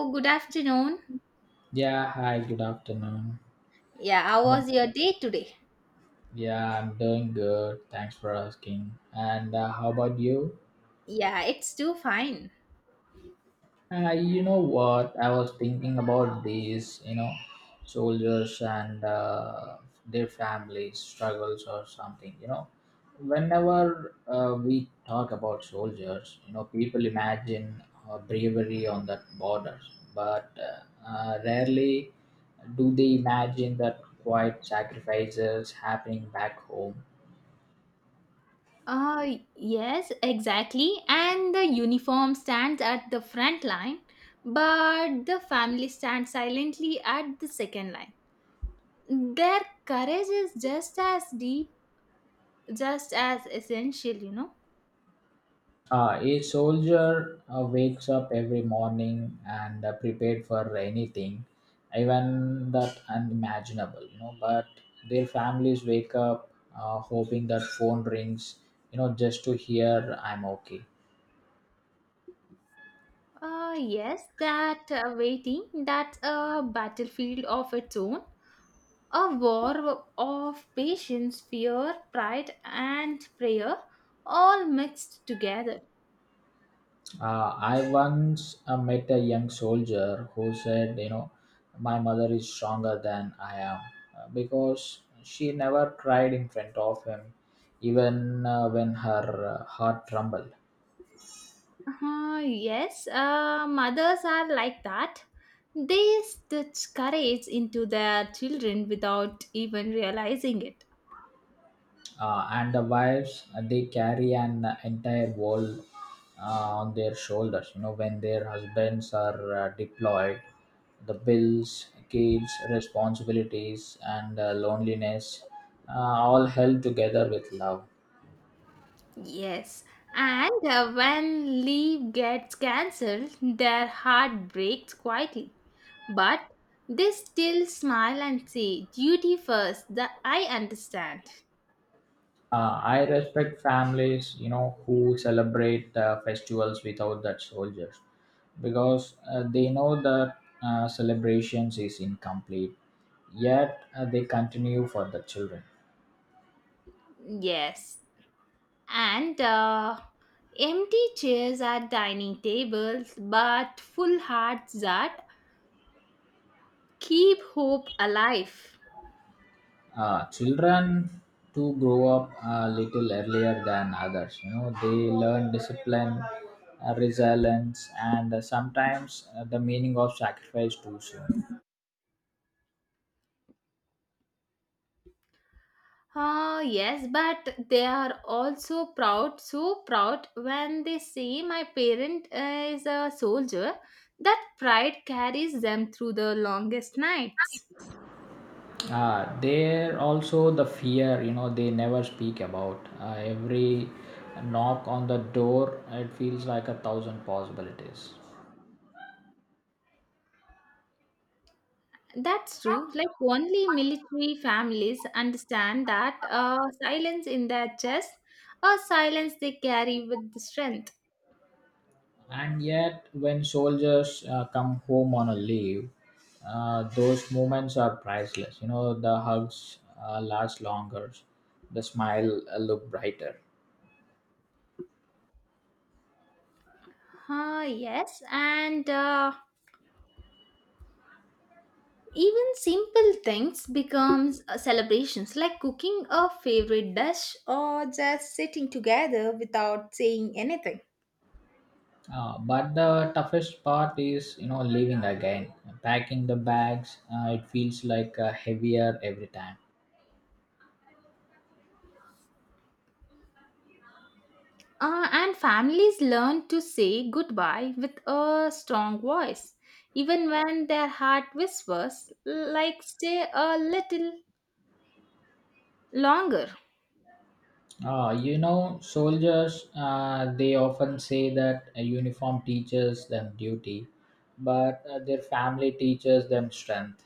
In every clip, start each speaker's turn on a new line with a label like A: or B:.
A: Oh, good afternoon.
B: Yeah, hi, good afternoon.
A: Yeah, how was your day today?
B: Yeah, I'm doing good. Thanks for asking. And how about you?
A: Yeah, it's too fine.
B: You know what? I was thinking about these soldiers and their families' struggles or something. Whenever we talk about soldiers, people imagine bravery on that borders, but rarely do they imagine that quiet sacrifices happening back home.
A: Yes, exactly. And the uniform stands at the front line, but the family stands silently at the second line. Their courage is just as deep, just as essential, you know.
B: A soldier wakes up every morning and prepared for anything, even that unimaginable. But their families wake up hoping that phone rings, just to hear I'm okay.
A: Yes, that waiting, that's a battlefield of its own. A war of patience, fear, pride, and prayer, all mixed together.
B: I once met a young soldier who said, my mother is stronger than I am because she never cried in front of him, even when her heart trembled.
A: Yes, mothers are like that. They stitch courage into their children without even realizing it.
B: And the wives they carry an entire world on their shoulders when their husbands are deployed: the bills, kids, responsibilities and loneliness, uh, all held together with love.
A: Yes, and when leave gets cancelled, their heart breaks quietly. But they still smile and say, duty first, that I understand.
B: I respect families who celebrate festivals without that soldiers because they know that celebrations is incomplete, yet they continue for the children.
A: Yes, and empty chairs at dining tables, but full hearts that keep hope alive.
B: Children to grow up a little earlier than others they learn discipline, resilience and sometimes the meaning of sacrifice too soon.
A: Ah, yes, but they are also proud, so proud when they see my parent is a soldier. That pride carries them through the longest nights.
B: There also the fear they never speak about, every knock on the door it feels like a thousand possibilities.
A: That's true. Like only military families understand that silence in their chest, a silence they carry with the strength.
B: And yet, when soldiers come home on a leave, those moments are priceless. You know, the hugs last longer, the smile look brighter.
A: Yes, and even simple things becomes celebrations like cooking a favorite dish or just sitting together without saying anything.
B: But the toughest part is leaving again. Packing the bags, it feels like heavier every time.
A: And families learn to say goodbye with a strong voice, even when their heart whispers, like stay a little longer.
B: Soldiers they often say that a uniform teaches them duty, but their family teaches them strength.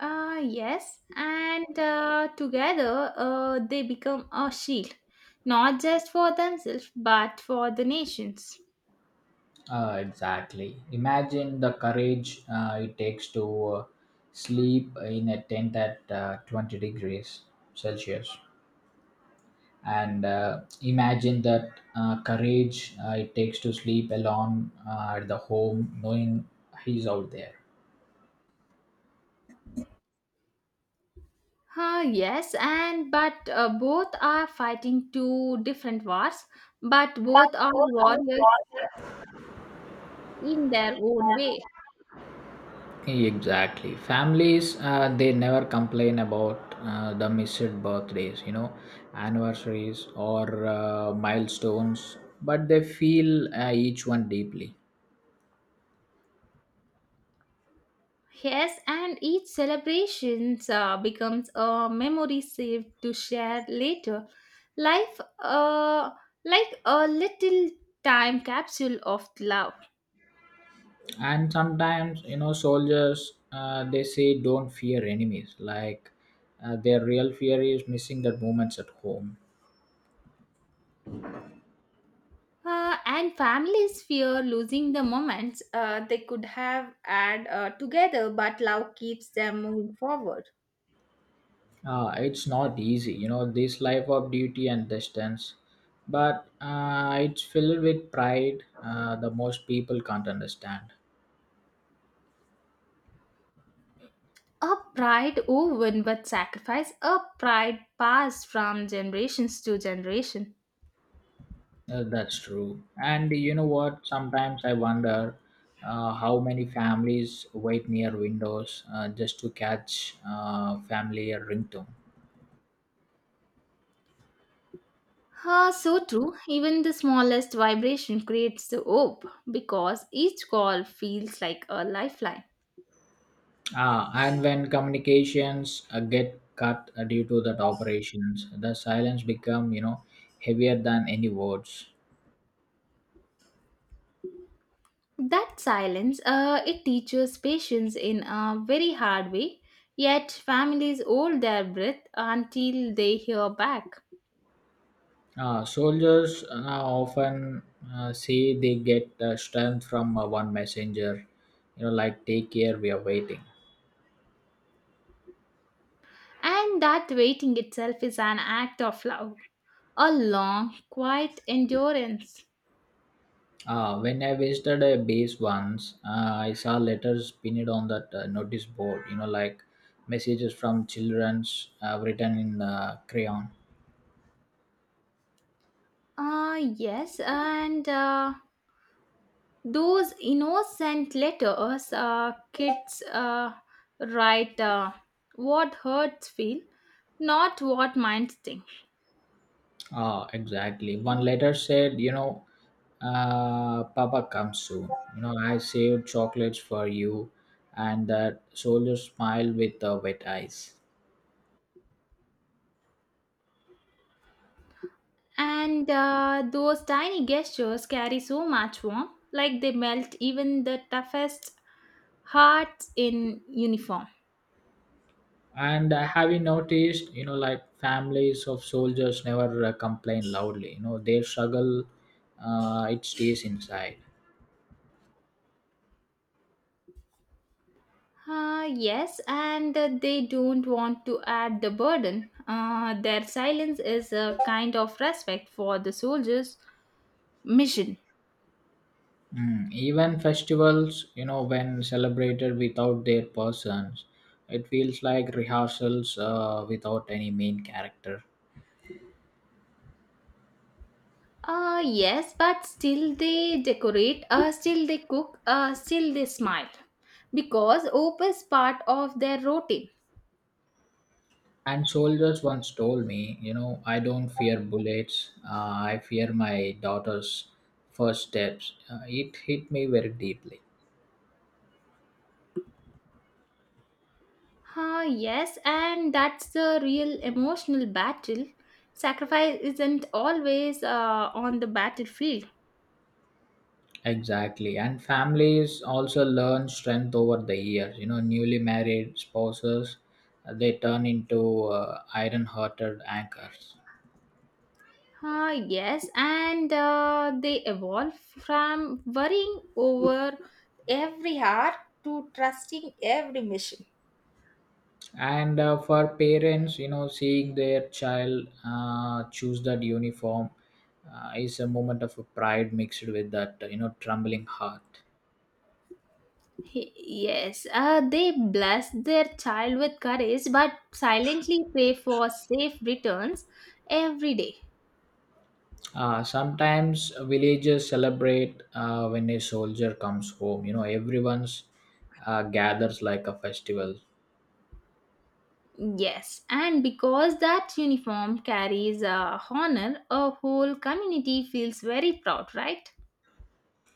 A: Yes, and together they become a shield, not just for themselves but for the nations.
B: Exactly. Imagine the courage it takes to sleep in a tent at 20 degrees Celsius. And imagine that courage it takes to sleep alone at the home knowing he's out there.
A: Yes, and but both are fighting two different wars, but both are warriors in their own way.
B: Exactly. Families, they never complain about the missed birthdays, anniversaries or milestones, but they feel each one deeply.
A: Yes, and each celebration becomes a memory saved to share later. Life, like a little time capsule of love.
B: And sometimes, they say don't fear enemies. Like their real fear is missing that moments at home.
A: And families fear losing the moments they could have had together, but love keeps them moving forward.
B: It's not easy, this life of duty and distance, but it's filled with pride the most people can't understand.
A: A pride woven with sacrifice, a pride passed from generations to generation.
B: That's true. And you know what? Sometimes I wonder how many families wait near windows just to catch family ringtone.
A: Ah, so true. Even the smallest vibration creates the hope because each call feels like a lifeline.
B: Ah, and when communications get cut due to that operations, the silence become heavier than any words.
A: That silence, it teaches patience in a very hard way. Yet families hold their breath until they hear back.
B: Soldiers often say they get strength from one messenger, like take care, we are waiting.
A: And that waiting itself is an act of love, a long, quiet endurance.
B: When I visited a base once, I saw letters pinned on that notice board, like messages from children's written in crayon.
A: Ah, yes, and those innocent letters kids write what hearts feel, not what minds think.
B: Ah, exactly. One letter said, Papa comes soon. You know, I saved chocolates for you. And that soldier smiled with wet eyes.
A: And those tiny gestures carry so much warmth, like they melt even the toughest hearts in uniform.
B: And have you noticed, like families of soldiers never complain loudly. You know, their struggle, it stays inside.
A: Ah, yes, and they don't want to add the burden. Their silence is a kind of respect for the soldiers' mission.
B: Even festivals, you know, when celebrated without their persons, it feels like rehearsals without any main character.
A: Yes, but still they decorate, still they cook, still they smile. Because hope is part of their routine.
B: And soldiers once told me, you know, I don't fear bullets, I fear my daughter's first steps. It hit me very deeply.
A: Ah, yes, and that's the real emotional battle. Sacrifice isn't always on the battlefield.
B: Exactly. And families also learn strength over the years. You know, newly married spouses, they turn into iron hearted anchors.
A: Ah, yes, and they evolve from worrying over every hour to trusting every mission.
B: And for parents seeing their child choose that uniform is a moment of pride mixed with that trembling heart.
A: He- Yes, they bless their child with courage but silently pray for safe returns every day.
B: Sometimes villages celebrate when a soldier comes home everyone's gathers like a festival.
A: Yes, and because that uniform carries a honor, a whole community feels very proud, right?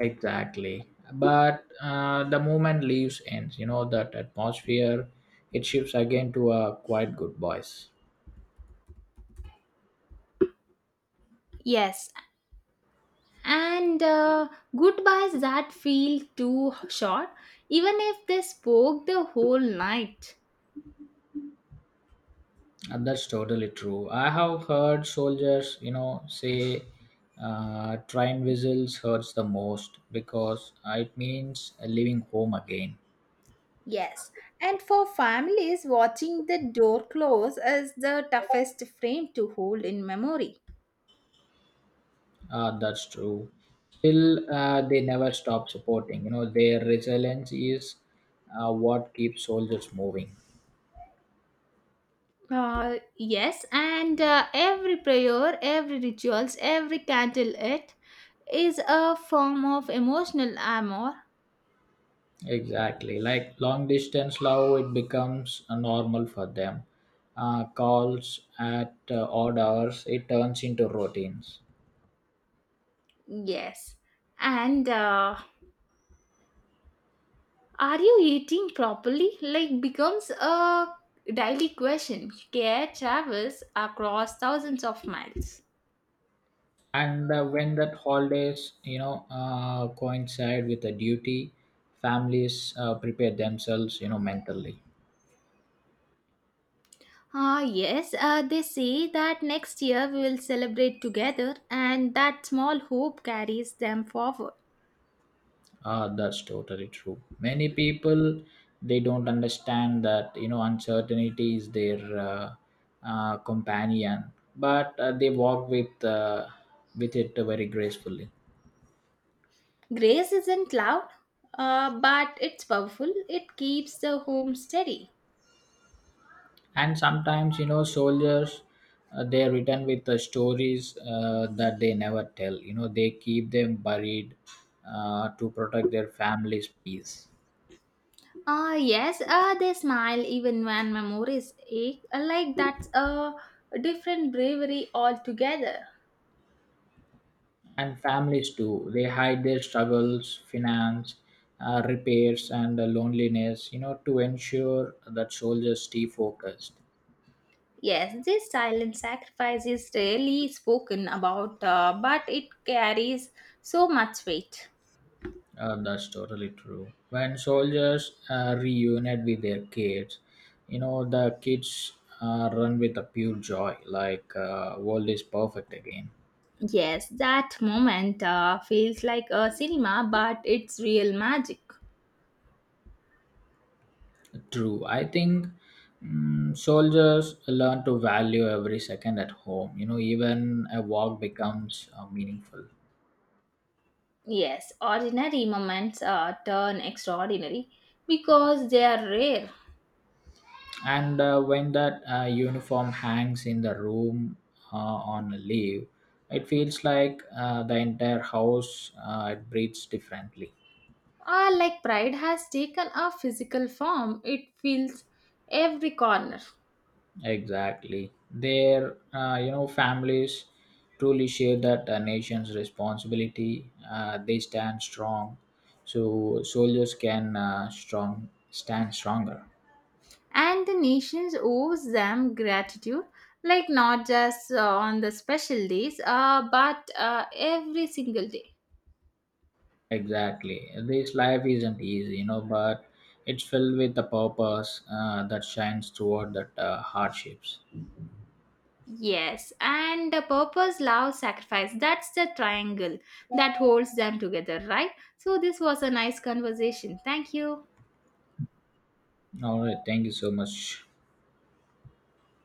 B: Exactly, but the moment leaves ends that atmosphere it shifts again to a quiet good voice.
A: Yes, and goodbyes that feel too short, even if they spoke the whole night.
B: And that's totally true. I have heard soldiers, you know, say train whistles hurts the most because it means leaving home again.
A: Yes, and for families, watching the door close is the toughest frame to hold in memory.
B: That's true. Still, they never stop supporting. You know, their resilience is what keeps soldiers moving.
A: Yes, and every prayer, every rituals, every candle it is a form of emotional armor.
B: Exactly. Like long distance love, it becomes normal for them. Calls at odd hours, it turns into routines.
A: Yes, and are you eating properly? Like becomes a daily question. Care travels across thousands of miles.
B: And when that holidays coincide with a duty, families prepare themselves mentally.
A: Ah, yes, they say that next year we will celebrate together, and that small hope carries them forward.
B: That's totally true. Many people they don't understand that uncertainty is their companion, but they walk with it very gracefully.
A: Grace isn't loud, but it's powerful. It keeps the home steady.
B: And sometimes soldiers they return with the stories that they never tell, they keep them buried to protect their families peace.
A: Ah, yes, they smile even when memories ache. Like that's a different bravery altogether.
B: And families too they hide their struggles: finance, repairs and loneliness, to ensure that soldiers stay focused.
A: Yes, this silent sacrifice is rarely spoken about, but it carries so much weight.
B: That's totally true. When soldiers reunite with their kids, you know, the kids run with a pure joy, like world is perfect again.
A: Yes, that moment feels like a cinema, but it's real magic.
B: True. I think soldiers learn to value every second at home. You know, even a walk becomes meaningful.
A: Yes, ordinary moments turn extraordinary because they are rare.
B: And when that uniform hangs in the room on leave, it feels like the entire house it breathes differently.
A: Ah, like pride has taken a physical form, it fills every corner.
B: Exactly. Their families truly share that nation's responsibility. They stand strong, so soldiers can strong stand stronger.
A: And the nations owes them gratitude, like not just on the special days, but every single day.
B: Exactly. This life isn't easy, you know, but it's filled with a purpose that shines toward that hardships.
A: Yes, and the purpose, love, sacrifice. That's the triangle that holds them together, right? So, this was a nice conversation. Thank you.
B: All right. Thank you so much.